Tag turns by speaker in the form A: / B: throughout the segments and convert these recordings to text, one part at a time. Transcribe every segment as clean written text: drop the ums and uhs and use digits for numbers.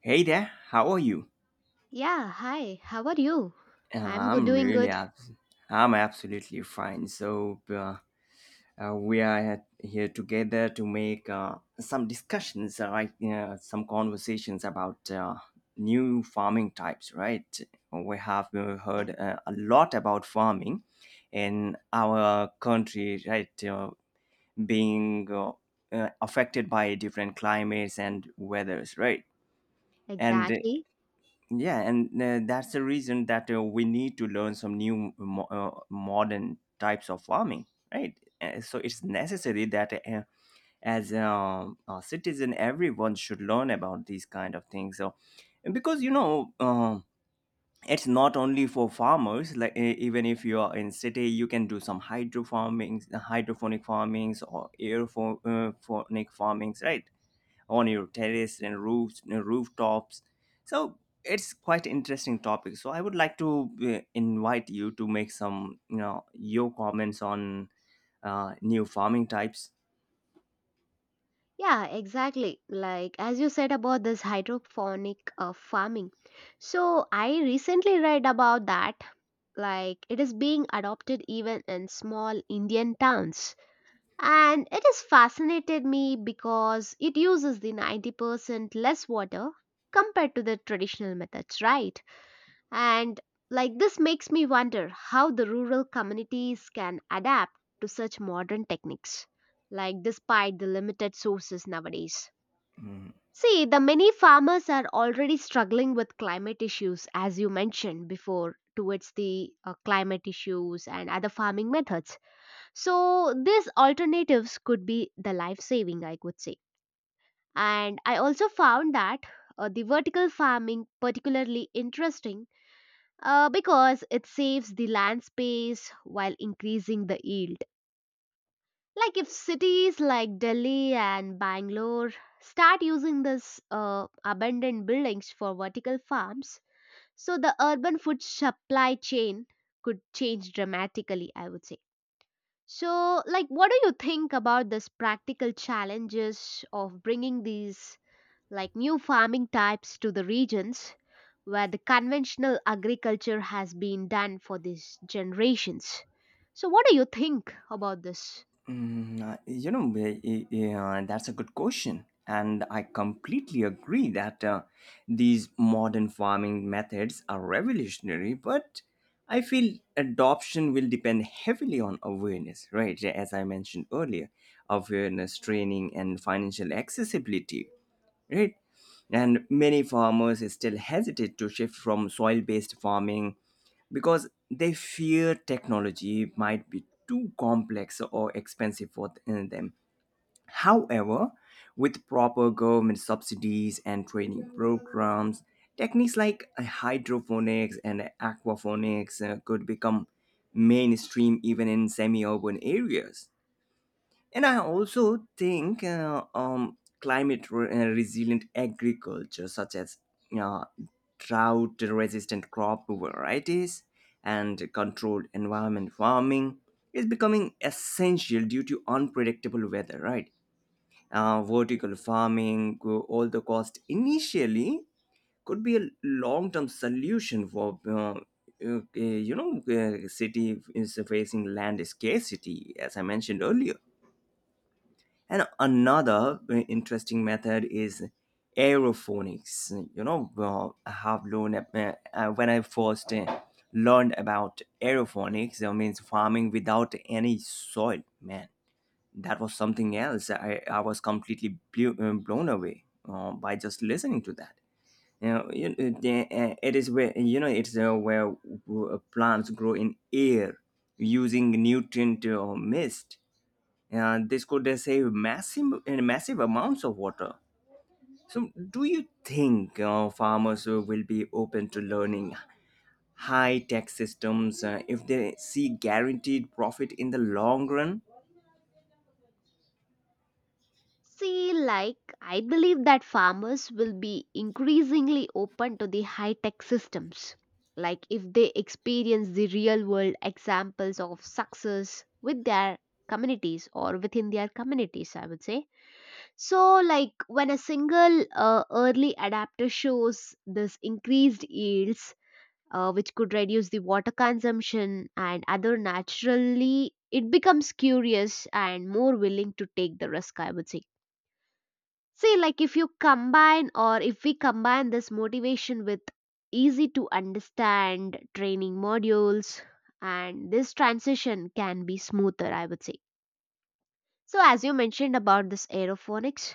A: Hey there, how are you?
B: Yeah, hi. How are you?
A: Uh,
B: I'm good,
A: I'm
B: doing
A: really
B: good.
A: abs- I'm absolutely fine. So we are here together to make some discussions, right? Some conversations about new farming types, right? We have
B: Yeah,
A: heard a lot about farming in our country, right? Being Affected by different climates and weathers, right? And
B: exactly.
A: yeah and that's the reason that we need to learn some new modern types of farming, right? So it's necessary that as a citizen, everyone should learn about these kind of things. So, because it's not only for farmers. Like even if you are in city, you can do some hydro farming, hydroponic farmings or aerophonic farmings, right? On your terrace and roofs and rooftops. So, it's quite interesting topic. So I would like to invite you to make some your comments on new farming types.
B: Yeah, exactly. Like as you said about this hydroponic farming. So I recently read about that. Like it is being adopted even in small Indian towns. And it has fascinated me because it uses the 90% less water compared to the traditional methods, right? And like this makes me wonder how the rural communities can adapt to such modern techniques, like despite the limited sources nowadays.
A: Mhm.
B: See, the many farmers are already struggling with climate issues, as you mentioned before, towards the climate issues and other farming methods. So, these alternatives could be the life saving, I could say. And I also found that the vertical farming particularly interesting because it saves the land space while increasing the yield. Like if cities like Delhi and Bangalore start using this abandoned buildings for vertical farms, so the urban food supply chain could change dramatically, I would say. So, like, what do you think about this practical challenges of bringing these like new farming types to the regions where the conventional agriculture has been done for these generations? So, what do you think about this?
A: Yeah, that's a good question. And I completely agree that these modern farming methods are revolutionary, but I feel adoption will depend heavily on awareness, right? As I mentioned earlier, awareness, training, and financial accessibility, right? And many farmers still hesitate to shift from soil based farming because they fear technology might be too complex or expensive for them. However, with proper government subsidies and training programs, techniques like hydroponics and aquaponics could become mainstream even in semi urban areas. And I also think climate resilient agriculture, such as uh, drought resistant crop varieties and controlled environment farming, is becoming essential due to unpredictable weather, right? Vertical farming, all the cost initially, could be a long term solution for. City is facing land scarcity, as I mentioned earlier. And another interesting method is aerophonics. You know, well, I have learned when I first learned about aerophonics, that means farming without any soil. Man, that was something else. I was completely blown away by just listening to that. You know, you, the- it is where you know it's Where plants grow in air using nutrient mist, and this could save massive and massive amounts of water. So, do you think farmers will be open to learning high tech systems if they see guaranteed profit in the long run?
B: See, like, I believe that farmers will be increasingly open to the high tech systems. Like, if they experience the real world examples of success with their communities or within their communities, I would say. So, like, when a single early adapter shows this increased yields, which could reduce the water consumption and other naturally it becomes curious and more willing to take the risk, I would say. Say, like, if you combine or if we combine this motivation with easy to understand training modules, and this transition can be smoother, I would say. So as you mentioned about this aerophonics,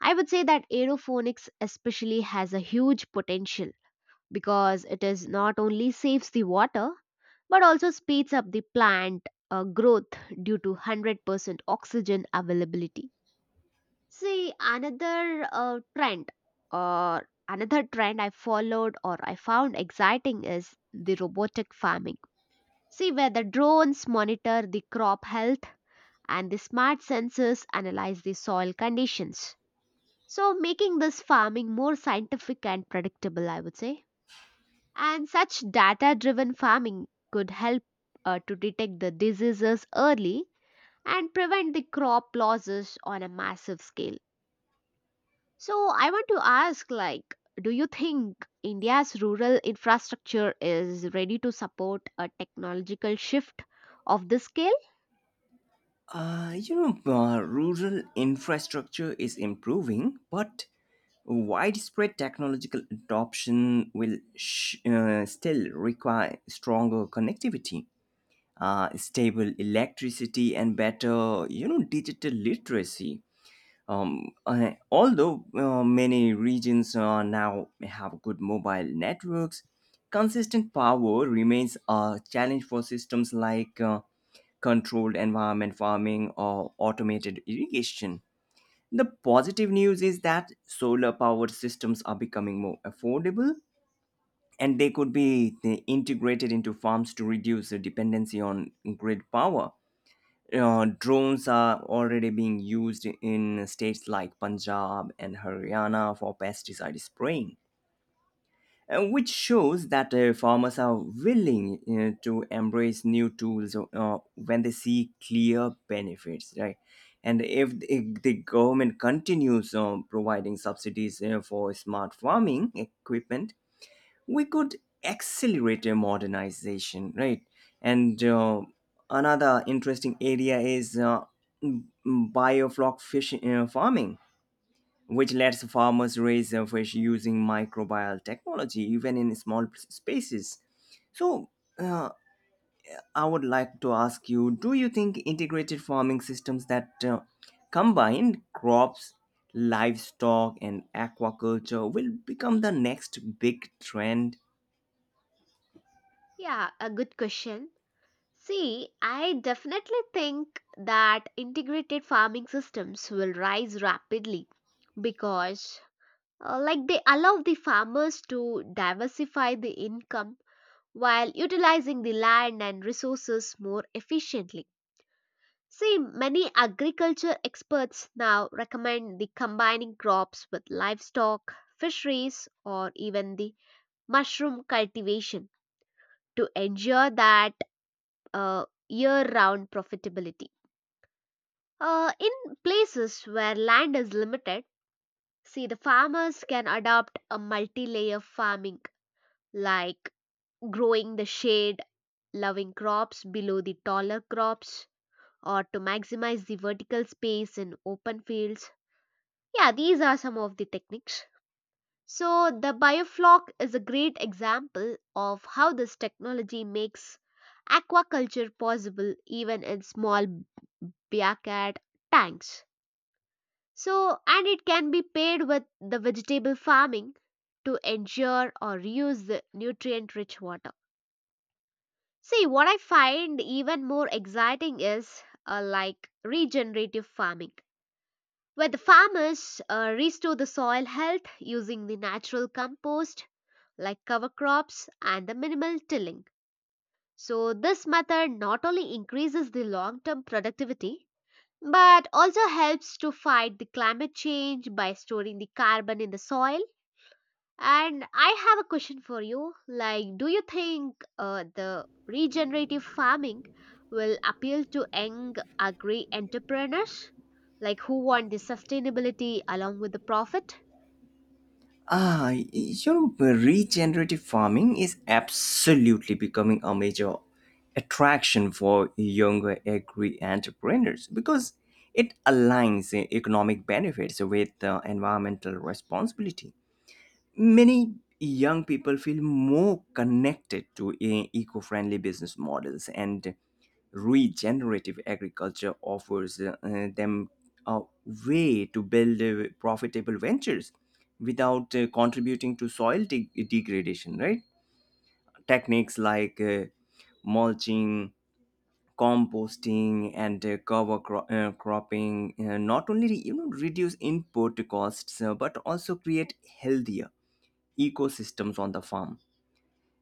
B: I would say that aerophonics especially has a huge potential because it is not only saves the water but also speeds up the plant growth due to 100% oxygen availability. See, another trend or another trend I followed or I found exciting is the robotic farming. See, where the drones monitor the crop health and the smart sensors analyze the soil conditions. So, making this farming more scientific and predictable, I would say. And such data driven farming could help to detect the diseases early and prevent the crop losses on a massive scale. So, I want to ask, like, do you think India's rural infrastructure is ready to support a technological shift of this scale?
A: Uh, you Rural infrastructure is improving, but widespread technological adoption will still require stronger connectivity, stable electricity, and better, digital literacy. Although many regions now have good mobile networks, consistent power remains a challenge for systems like controlled environment farming or automated irrigation. The positive news is that solar powered systems are becoming more affordable and they could be integrated into farms to reduce the dependency on grid power. Drones are already being used in states like Punjab and Haryana for pesticide spraying, which shows that farmers are willing to embrace new tools when they see clear benefits, right? And if the government continues providing subsidies for smart farming equipment, we could accelerate a modernization, right? And another interesting area is m- bioflock fish farming, which lets farmers raise fish using microbial technology even in small spaces. So, uh, I would like to ask you, do you think integrated farming systems that combine crops, livestock and aquaculture will become the next big trend?
B: Yeah, a good question. See, I definitely think that integrated farming systems will rise rapidly because like they allow the farmers to diversify the income while utilizing the land and resources more efficiently. See, many agriculture experts now recommend the combining crops with livestock, fisheries, or even the mushroom cultivation to ensure that year round profitability. In places where land is limited, see, the farmers can adopt a multi layer farming, like growing the shade, loving crops below the taller crops, or to maximize the vertical space in open fields. Yeah, these are some of the techniques. So, the bioflock is a great example of how this technology makes aquaculture possible even in small backyard tanks. So, and it can be paired with the vegetable farming to ensure or reuse the nutrient rich water. See, what I find even more exciting is like regenerative farming, where the farmers restore the soil health using the natural compost like cover crops and the minimal tilling. So, this method not only increases the long term productivity but also helps to fight the climate change by storing the carbon in the soil, and I have a question for you. Like, do you think the regenerative farming will appeal to young agri entrepreneurs? Like, who want the sustainability along with the profit?
A: Ah, you know, regenerative farming is absolutely becoming a major attraction for younger agri entrepreneurs because it aligns economic benefits with environmental responsibility. Many young people feel more connected to eco-friendly business models, and regenerative agriculture offers them a way to build profitable ventures without contributing to soil degradation, right? Techniques like mulching, composting, and cover cropping not only reduce input costs but also create healthier ecosystems on the farm.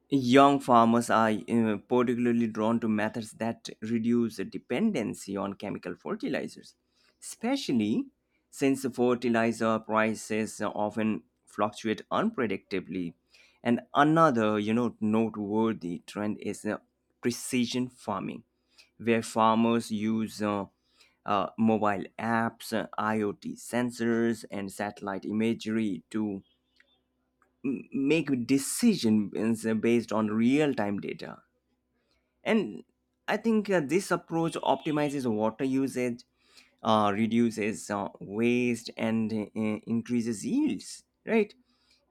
A: Young farmers are particularly drawn to methods that reduce dependency on chemical fertilizers, especially since fertilizer prices often fluctuate unpredictably. And another, you know, noteworthy trend is precision farming, where farmers use mobile apps, IoT sensors, and satellite imagery to make decisions based on real time data. And I think this approach optimizes water usage, reduces waste, and increases yields, right?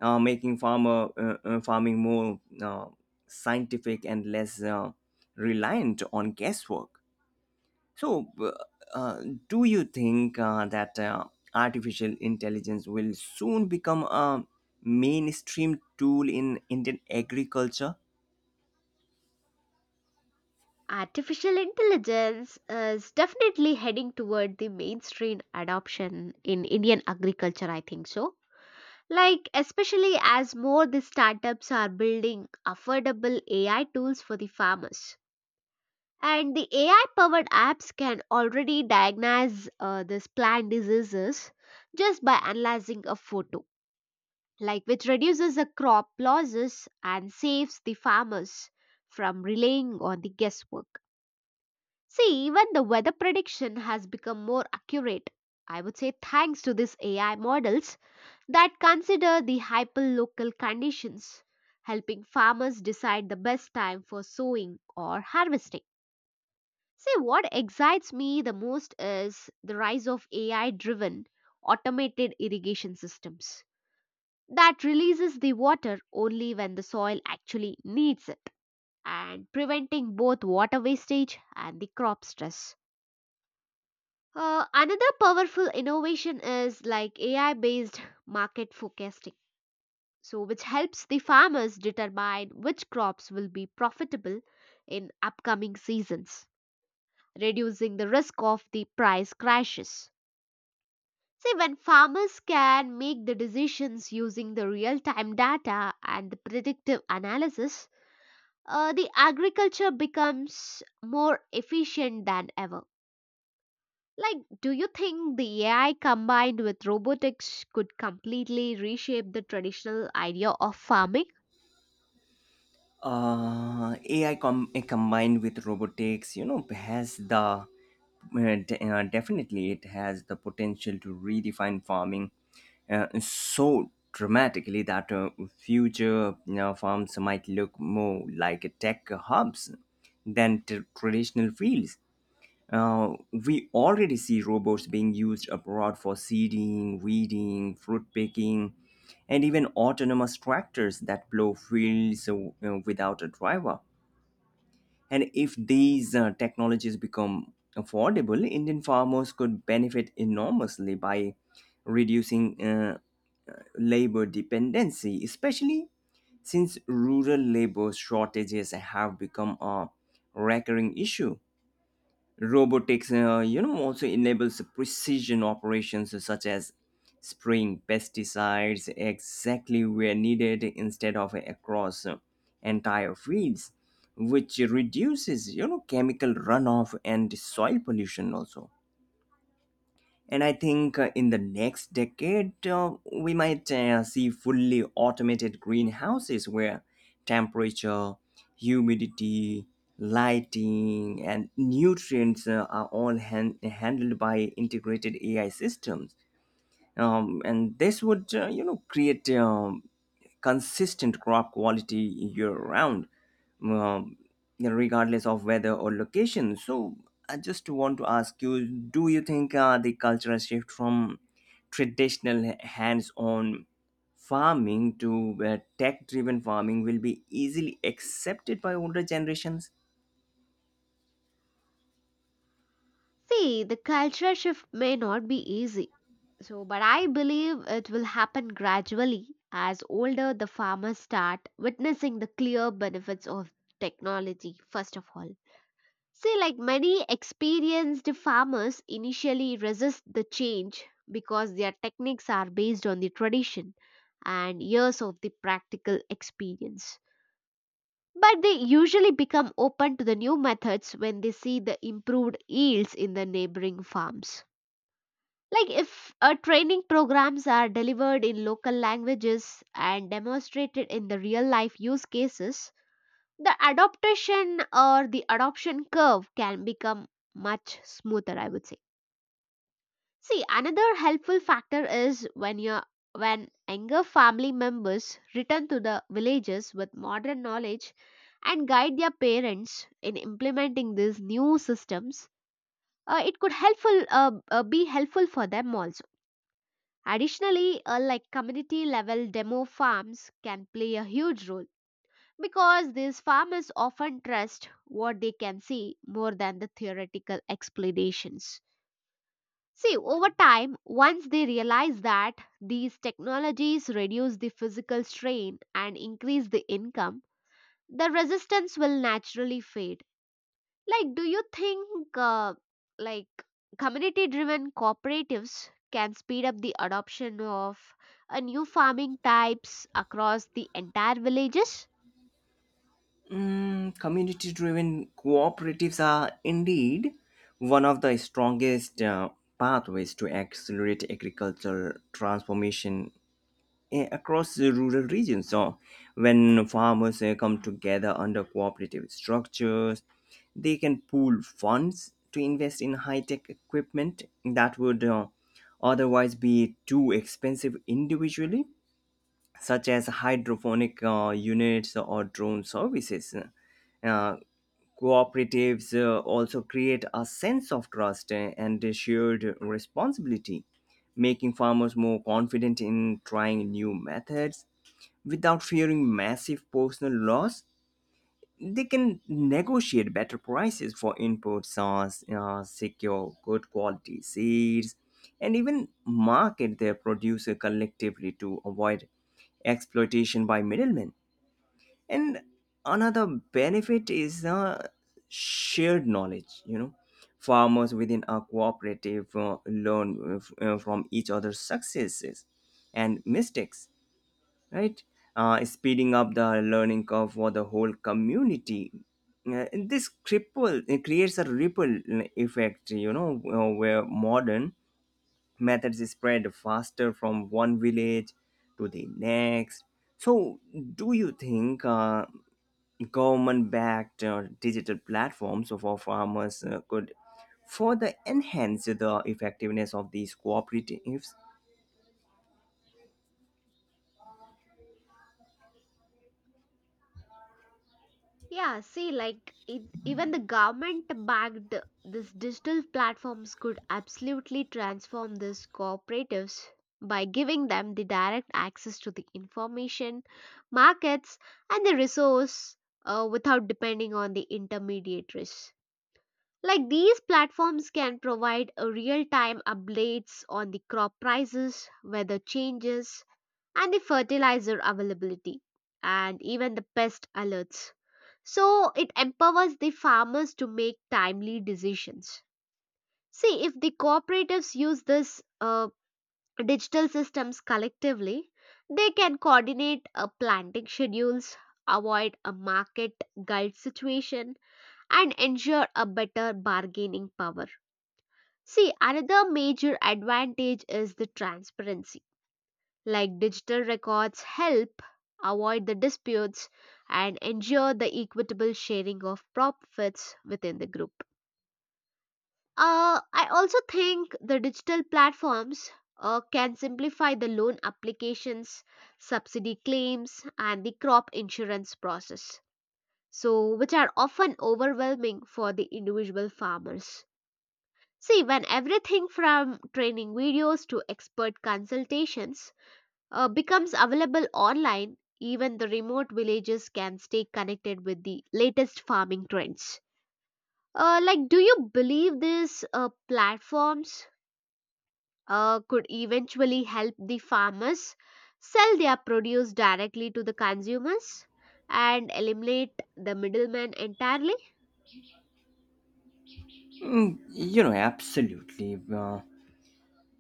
A: Making farmer farming more scientific and less reliant on guesswork. So, do you think that artificial intelligence will soon become a mainstream tool in Indian agriculture?
B: Artificial intelligence is definitely heading toward the mainstream adoption in Indian agriculture, I think so. Like, especially as more the startups are building affordable AI tools for the farmers. And the AI powered apps can already diagnose this plant diseases just by analyzing a photo, like which reduces the crop losses and saves the farmers from relying on the guesswork. See, even the weather prediction has become more accurate. I would say thanks to these AI models that consider the hyperlocal conditions, helping farmers decide the best time for sowing or harvesting. See, what excites me the most is the rise of AI driven automated irrigation systems that releases the water only when the soil actually needs it and preventing both water wastage and the crop stress. Another powerful innovation is like AI based market forecasting. So, which helps the farmers determine which crops will be profitable in upcoming seasons, reducing the risk of the price crashes. See, when farmers can make the decisions using the real time data and the predictive analysis, the agriculture becomes more efficient than ever. Like, do you think the AI combined with robotics could completely reshape the traditional idea of farming?
A: AI combined with robotics, you know, has the definitely it has the potential to redefine farming so dramatically that future, you know, farms might look more like tech hubs than traditional fields. Uh, we already see robots being used abroad for seeding, weeding, fruit picking, and even autonomous tractors that plow fields without a driver. And if these technologies become affordable, Indian farmers could benefit enormously by reducing labor dependency, especially since rural labor shortages have become a recurring issue. Robotics, also enables precision operations such as spraying pesticides exactly where needed instead of across entire fields, which reduces, chemical runoff and soil pollution also. And I think in the next decade, we might see fully automated greenhouses where temperature, humidity, lighting, and nutrients are all handled by integrated AI systems. And this would create consistent crop quality year round, um, regardless of weather or location. So, I just want to ask you, do you think the cultural shift from traditional hands-on farming to tech-driven farming will be easily accepted by older generations?
B: See, the cultural shift may not be easy. So, but I believe it will happen gradually as older the farmers start witnessing the clear benefits of technology, first of all. See, like many experienced farmers initially resist the change because their techniques are based on the tradition and years of the practical experience. But they usually become open to the new methods when they see the improved yields in the neighboring farms. Like, if training programs are delivered in local languages and demonstrated in the real life use cases, the adaptation or the adoption curve can become much smoother, I would say. See, another helpful factor is when younger family members return to the villages with modern knowledge and guide their parents in implementing these new systems, it could helpful be helpful for them also. Additionally, a like community level demo farms can play a huge role because these farmers often trust what they can see more than the theoretical explanations. See, over time, once they realize that these technologies reduce the physical strain and increase the income, the resistance will naturally fade. Like, do you think like community-driven cooperatives can speed up the adoption of a new farming types across the entire villages?
A: Mm, community driven cooperatives are indeed one of the strongest pathways to accelerate agricultural transformation, eh, across the rural regions. So, when farmers, eh, come together under cooperative structures, they can pool funds to invest in high tech equipment that would otherwise be too expensive individually, such as hydroponic units or drone services. Uh, Cooperatives also create a sense of trust and shared responsibility, making farmers more confident in trying new methods without fearing massive personal loss. They can negotiate better prices for inputs, secure good quality seeds, and even market their producer collectively to avoid exploitation by middlemen. And another benefit is shared knowledge. You know, farmers within a cooperative learn from each other's successes and mistakes, right? Speeding up the learning curve for the whole community. And this cripple it creates a ripple effect, where modern methods spread faster from one village to the next. So, do you think government-backed digital platforms for farmers could further enhance the effectiveness of these cooperatives?
B: Yeah, see, like even the government-backed this digital platforms could absolutely transform these cooperatives by giving them the direct access to the information, markets, and the resource without depending on the intermediaries. Like these platforms can provide a real-time updates on the crop prices, weather changes, and the fertilizer availability, and even the pest alerts. So it empowers the farmers to make timely decisions. See, if the cooperatives use this digital systems collectively, they can coordinate planting schedules, avoid a market guide situation, and ensure a better bargaining power. See, another major advantage is the transparency. Like digital records help avoid the disputes and ensure the equitable sharing of profits within the group. I also think the digital platforms can simplify the loan applications, subsidy claims, and the crop insurance process, so which are often overwhelming for the individual farmers. See, when everything from training videos to expert consultations becomes available online, even the remote villages can stay connected with the latest farming trends. Like, do you believe these platforms could eventually help the farmers sell their produce directly to the consumers and eliminate the middlemen entirely?
A: Mm, you know, absolutely. Uh,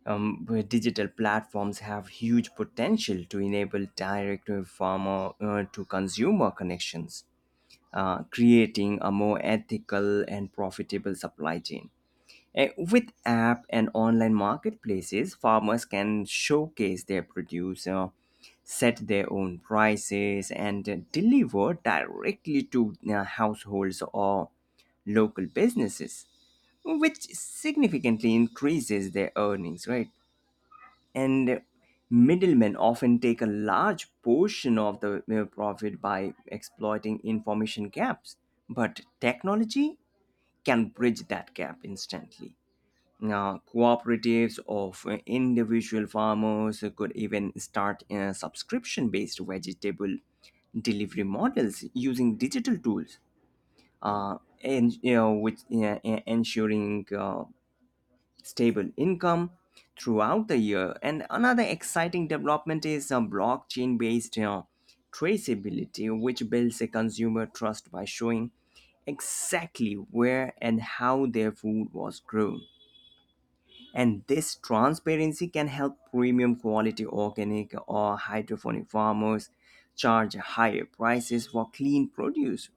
A: um, Where digital platforms have huge potential to enable direct farmer to consumer connections, creating a more ethical and profitable supply chain. Eh, with app and online marketplaces, farmers can showcase their produce, set their own prices, and deliver directly to households or local businesses, which significantly increases their earnings, right? And middlemen often take a large portion of the profit by exploiting information gaps, but technology can bridge that gap instantly. Now cooperatives of individual farmers could even start subscription based vegetable delivery models using digital tools, uh, and you know, which ensuring stable income throughout the year. And another exciting development is a blockchain based traceability, which builds a consumer trust by showing exactly where and how their food was grown. And this transparency can help premium quality organic or hydroponic farmers charge higher prices for clean produce.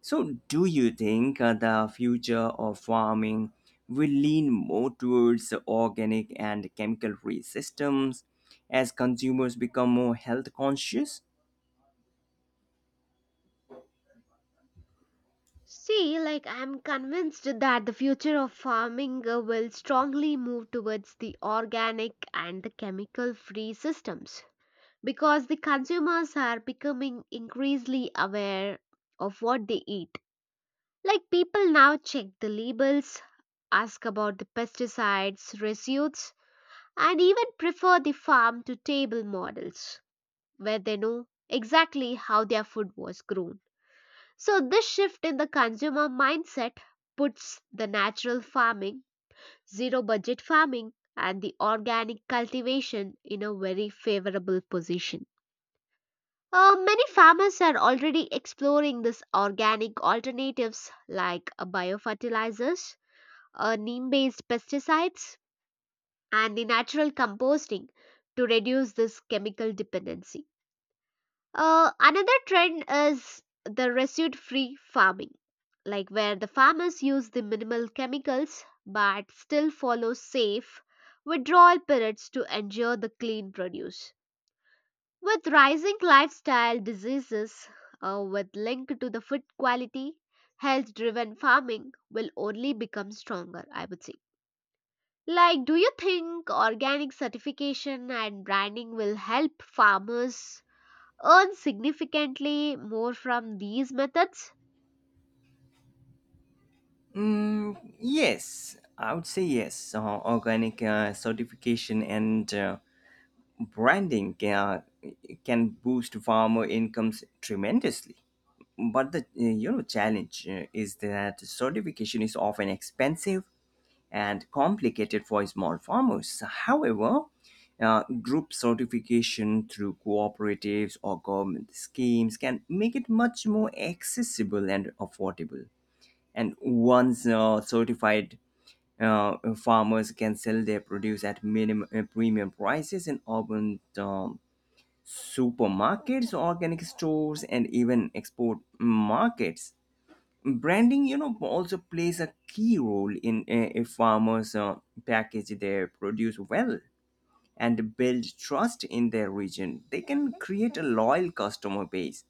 A: So, do you think the future of farming will lean more towards organic and chemical free systems as consumers become more health conscious?
B: See, like I'm convinced that the future of farming will strongly move towards the organic and the chemical free systems because the consumers are becoming increasingly aware of what they eat. Like people now check the labels, ask about the pesticides, residues, and even prefer the farm to table models where they know exactly how their food was grown. So, this shift in the consumer mindset puts the natural farming, zero budget farming, and the organic cultivation in a very favorable position. Many farmers are already exploring this organic alternatives like biofertilizers, neem based pesticides, and the natural composting to reduce this chemical dependency. Another trend is the residue free farming, like where the farmers use the minimal chemicals but still follow safe withdrawal periods to ensure the clean produce. With rising lifestyle diseases with link to the food quality, health driven farming will only become stronger, I would say. Like, do you think organic certification and branding will help farmers earn significantly more from these methods?
A: Mm, yes, I would say yes. Organic certification and branding can boost farmer incomes tremendously. But the challenge is that certification is often expensive and complicated for small farmers. However, group certification through cooperatives or government schemes can make it much more accessible and affordable. And once certified, farmers can sell their produce at minimum premium prices in urban supermarkets, organic stores, and even export markets. Branding, you know, also plays a key role in. If farmers package their produce well and build trust in their region, they can create a loyal customer base.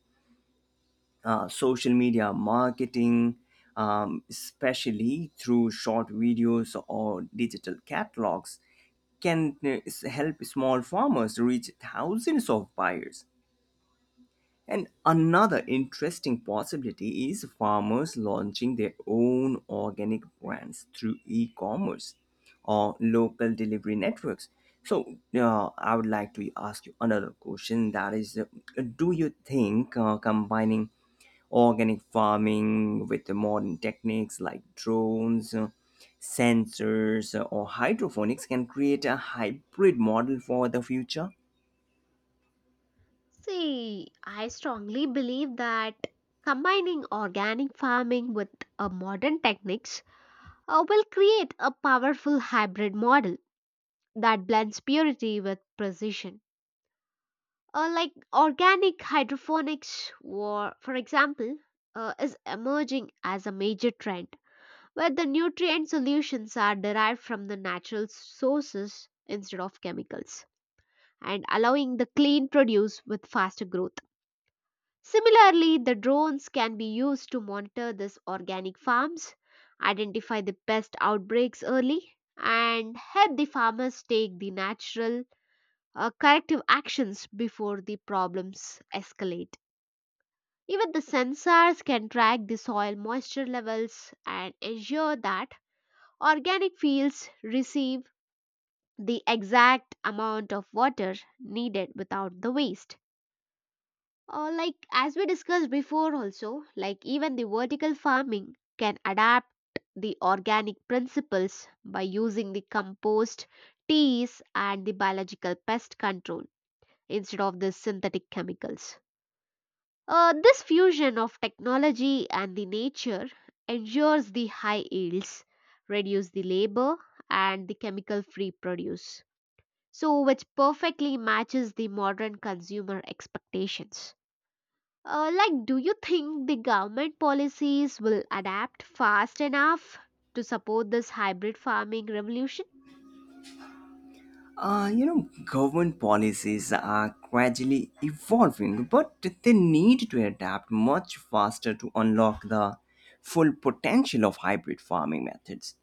A: Social media marketing, especially through short videos or digital catalogs, can help small farmers reach thousands of buyers. And another interesting possibility is farmers launching their own organic brands through e commerce or local delivery networks. So, I would like to ask you another question, that is, do you think combining organic farming with the modern techniques like drones, sensors, or hydroponics can create a hybrid model for the future?
B: See, I strongly believe that combining organic farming with modern techniques will create a powerful hybrid model that blends purity with precision. Like organic hydroponics, or, for example, is emerging as a major trend where the nutrient solutions are derived from the natural sources instead of chemicals, and allowing the clean produce with faster growth. Similarly, the drones can be used to monitor these organic farms, identify the pest outbreaks early, and help the farmers take the natural corrective actions before the problems escalate. Even the sensors can track the soil moisture levels and ensure that organic fields receive the exact amount of water needed without the waste. Like as we discussed before also, like even the vertical farming can adapt the organic principles by using the compost teas and the biological pest control instead of the synthetic chemicals. This fusion of technology and the nature ensures the high yields, reduce the labor, and the chemical free produce, so which perfectly matches the modern consumer expectations. Like, do you think the government policies will adapt fast enough to support this hybrid farming revolution?
A: Government policies are gradually evolving, but they need to adapt much faster to unlock the full potential of hybrid farming methods.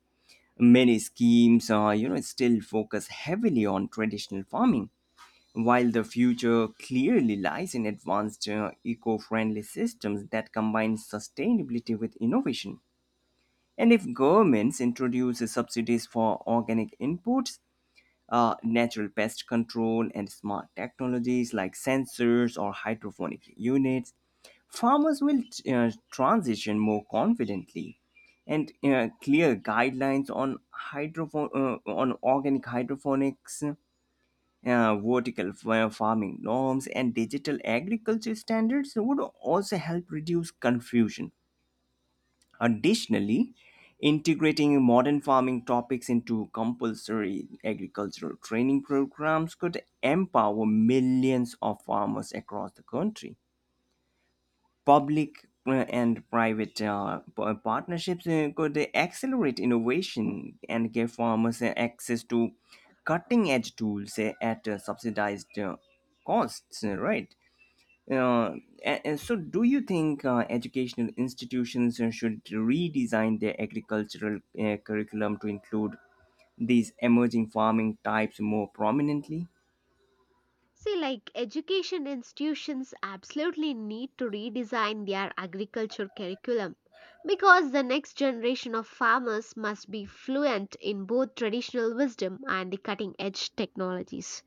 A: Many schemes are, you know, still focus heavily on traditional farming, while the future clearly lies in advanced, eco-friendly systems that combine sustainability with innovation. And if governments introduce subsidies for organic inputs, natural pest control, and smart technologies like sensors or hydroponic units, farmers will transition more confidently. And clear guidelines on organic hydroponics, vertical farming norms, and digital agriculture standards would also help reduce confusion. Additionally, integrating modern farming topics into compulsory agricultural training programs could empower millions of farmers across the country. Public and private partnerships could accelerate innovation and give farmers access to cutting edge tools at subsidized costs, right? Uh, and so, do you think educational institutions should redesign their agricultural curriculum to include these emerging farming types more prominently?
B: See, like, education institutions absolutely need to redesign their agriculture curriculum because the next generation of farmers must be fluent in both traditional wisdom and the cutting edge technologies.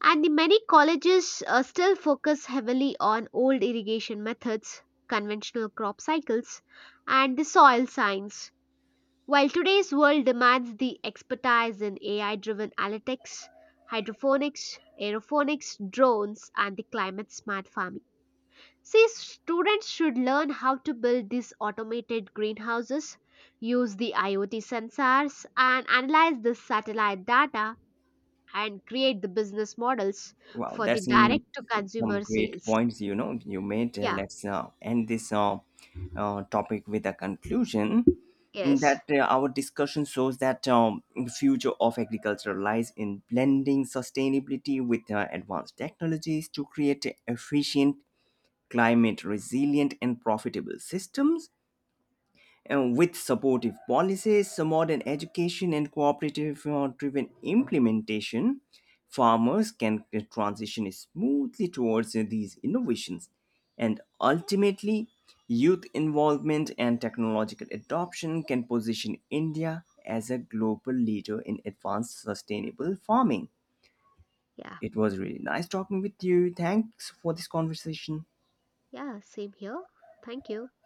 B: And the many colleges still focus heavily on old irrigation methods, conventional crop cycles, and the soil science. While today's world demands the expertise in AI driven analytics, hydroponics, aeroponics, drones, and the climate smart farming. See, students should learn how to build these automated greenhouses, use the IoT sensors, and analyze the satellite data and create the business models
A: Wow,
B: for the
A: that's
B: direct to
A: some
B: consumer
A: great
B: sales.
A: points you know you made.
B: Yeah,
A: Let's end this topic with a conclusion
B: yes,
A: that our discussion shows that the future of agriculture lies in blending sustainability with advanced technologies to create efficient, climate resilient and profitable systems. And with supportive policies, modern education and cooperative driven implementation, farmers can transition smoothly towards these innovations. And ultimately, youth involvement and technological adoption can position India as a global leader in advanced sustainable farming.
B: yeah,
A: It was really nice talking with you. Thanks for this conversation.
B: yeah, same here. Thank you.